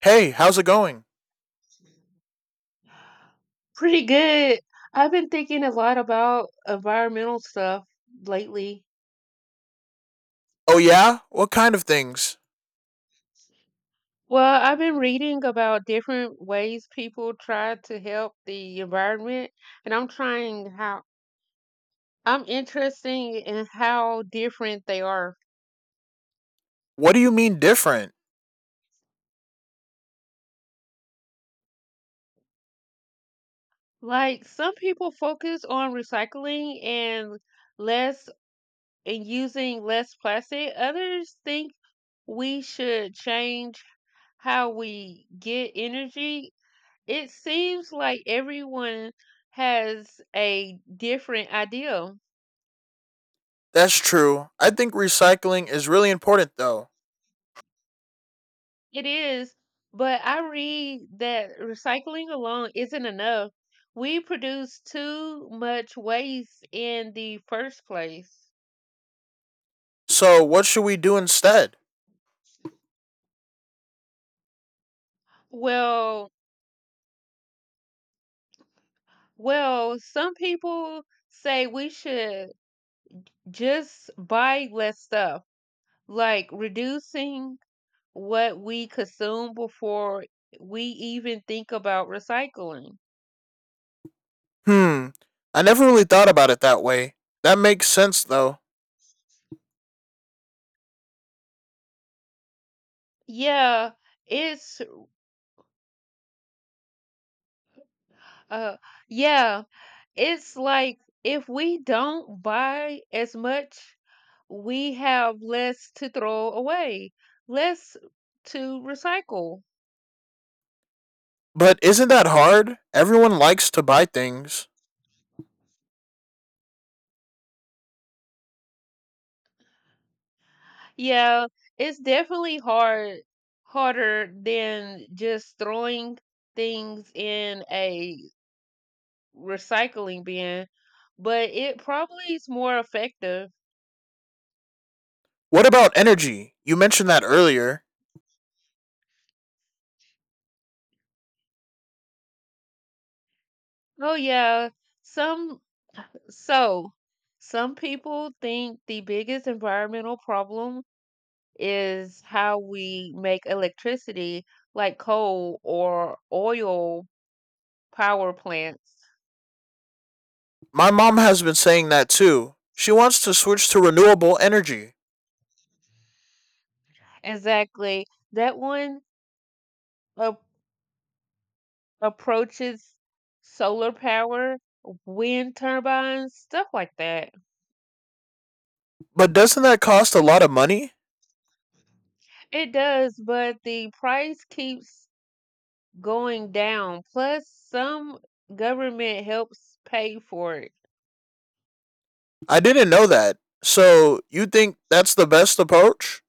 Hey, how's it going? Pretty good. I've been thinking a lot about environmental stuff lately. Oh, yeah? What kind of things? Well, I've been reading about different ways people try to help the environment, and I'm interested in how different they are. What do you mean different? Like some people focus on recycling and less and using less plastic. Others think we should change how we get energy. It seems like everyone has a different idea. That's true. I think recycling is really important, though. It is, but I read that recycling alone isn't enough. We produce too much waste in the first place. So, what should we do instead? Well, well, some people say we should just buy less stuff, like reducing what we consume before we even think about recycling. Hmm, I never really thought about it that way. That makes sense, though. Yeah, it's uh yeah, it's like if we don't buy as much, we have less to throw away, less to recycle. But isn't that hard? Everyone likes to buy things. Yeah, it's definitely hard harder than just throwing things in a recycling bin, but it probably is more effective. What about energy? You mentioned that earlier. Oh yeah, some So, some people think the biggest environmental problem is how we make electricity, like coal or oil power plants. My mom has been saying that too. She wants to switch to renewable energy. Exactly. That one ap- approaches solar power, wind turbines, stuff like that. But doesn't that cost a lot of money? It does, but the price keeps going down. Plus, some government helps pay for it. I didn't know that. So you think that's the best approach?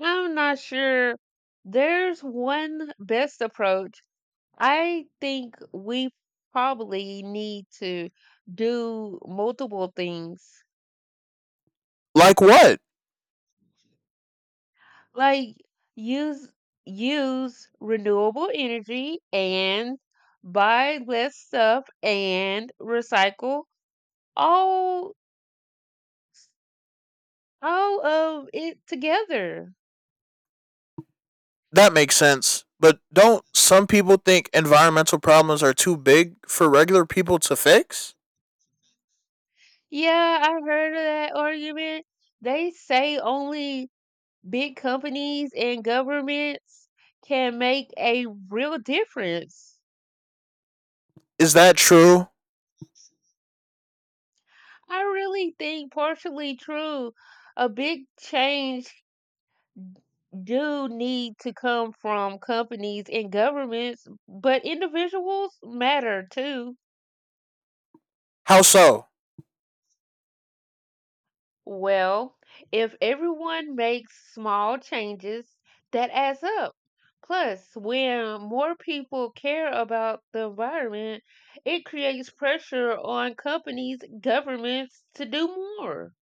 I'm not sure. There's one best approach. I think we probably need to do multiple things, Like what? like use use renewable energy and buy less stuff and recycle all all of it together. That makes sense. But don't some people think environmental problems are too big for regular people to fix? Yeah, I heard of that argument. They say only big companies and governments can make a real difference. Is that true? I really think partially true. A big change do need to come from companies and governments, but individuals matter too. How so? Well, if everyone makes small changes, that adds up. Plus, when more people care about the environment, it creates pressure on companies, governments to do more.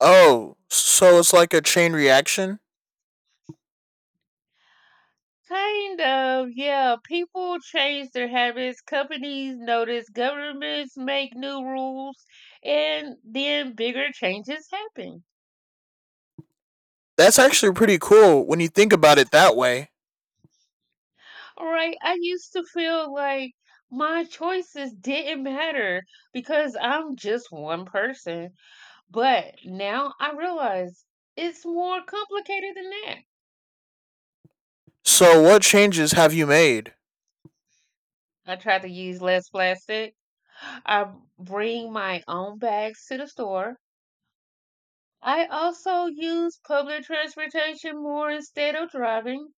Oh, so it's like a chain reaction? Kind of, yeah. People change their habits, companies notice, governments make new rules, and then bigger changes happen. That's actually pretty cool when you think about it that way. All right, I used to feel like my choices didn't matter because I'm just one person. But now I realize it's more complicated than that. So, what changes have you made? I try to use less plastic. I bring my own bags to the store. I also use public transportation more instead of driving.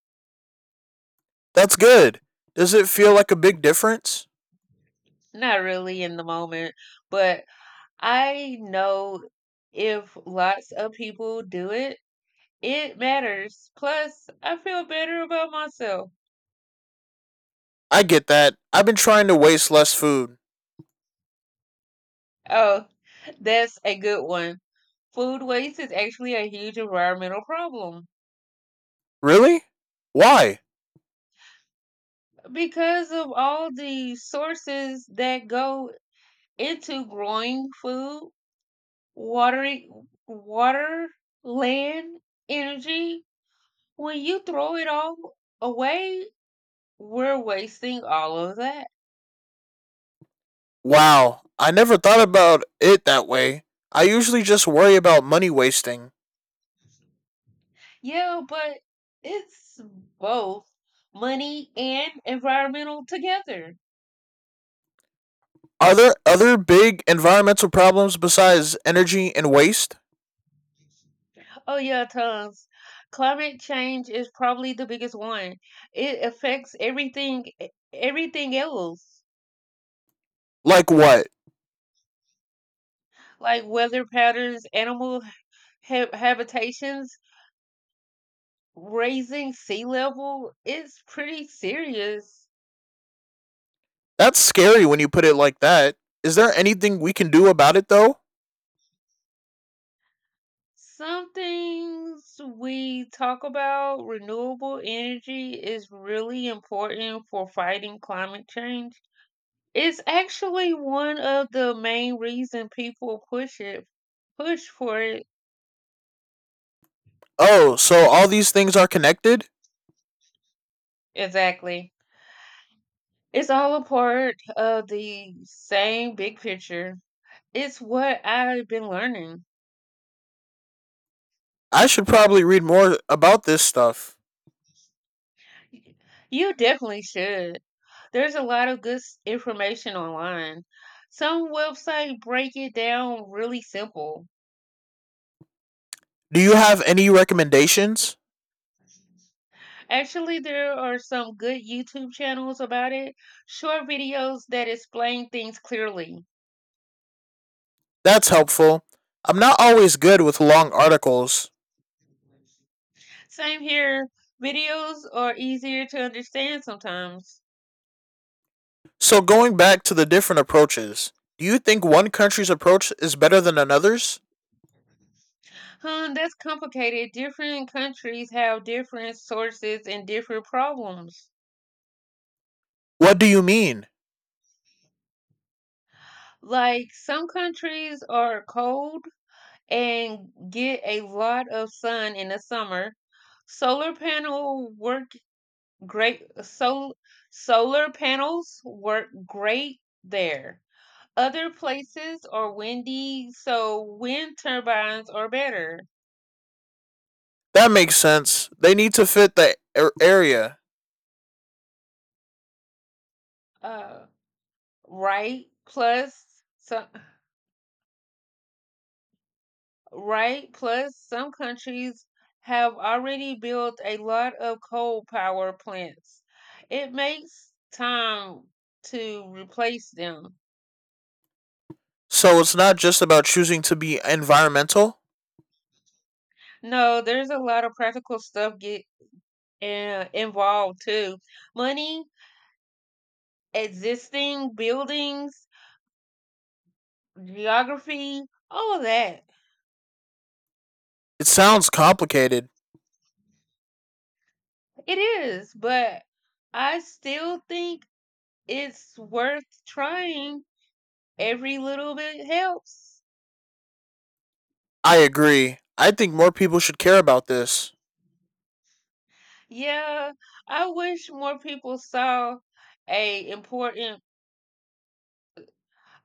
That's good. Does it feel like a big difference? Not really in the moment, but I know if lots of people do it, it matters. Plus, I feel better about myself. I get that. I've been trying to waste less food. Oh, that's a good one. Food waste is actually a huge environmental problem Really? Why? because of all the sources that go into growing food, watering water, land, energy. When you throw it all away, we're wasting all of that. Wow, I never thought about it that way. I usually just worry about money wasting. Yeah, but it's both money and environmental together. Are there other big environmental problems besides energy and waste? Oh, yeah, tons. Climate change is probably the biggest one. It affects everything, everything else, Like what? like weather patterns, animal habitations, raising sea level. It's pretty serious. That's scary when you put it like that. Is there anything we can do about it though? Some things we talk about, renewable energy is really important for fighting climate change. It's actually one of the main reason push for it. Oh, so all these things are connected? Exactly. It's all a part of the same big picture. It's what I've been learning. I should probably read more about this stuff. Y- You definitely should. There's a lot of good information online. Some websites break it down really simple. Do you have any recommendations? Actually, there are some good YouTube channels about it, short videos that explain things clearly. That's helpful. I'm not always good with long articles. Same here. Videos are easier to understand sometimes. So, going back to the different approaches, do you think one country's approach is better than another's? Huh, that's complicated. Different countries have different sources and different problems. What do you mean? Like some countries are cold and get a lot of sun in the summer. Solar panel work great sol- Solar panels work great there. Other places are windy, so wind turbines are better. That makes sense. They need to fit the area. Uh Right? Some, right? Plus, some countries have already built a lot of coal power plants. It makes time to replace them. So it's not just about choosing to be environmental. No, there's a lot of practical stuff get involved too. Money, existing buildings, geography, all of that. It sounds complicated. It is, but I still think it's worth trying. Every little bit helps. I agree. I think more people should care about this. Yeah, I wish more people saw a important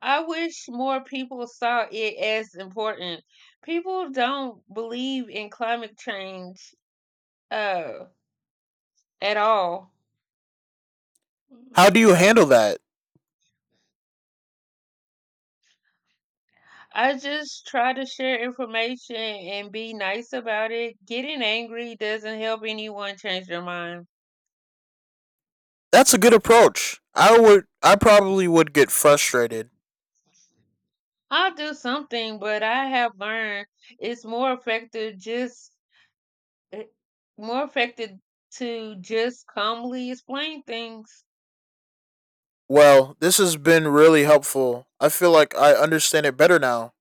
I wish more people saw it as important. People don't believe in climate change uh at all. Mm. How do you handle that? I just try to share information and be nice about it. Getting angry doesn't help anyone change their mind. That's a good approach. I probably would get frustrated. I'll do something, but I have learned it's it more effective to just calmly explain things. Well, this has been really helpful. I feel like I understand it better now.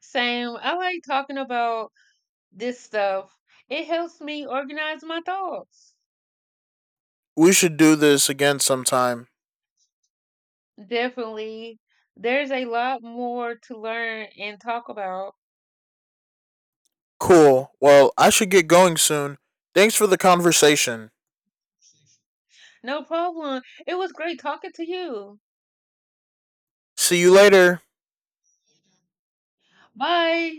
Same, I like talking about this stuff. It helps me organize my thoughts. We should do this again sometime. Definitely. There's a lot more to learn and talk about. Cool. Well, I should get going soon. Thanks for the conversation. No problem. It was great talking to you. See you later. Bye.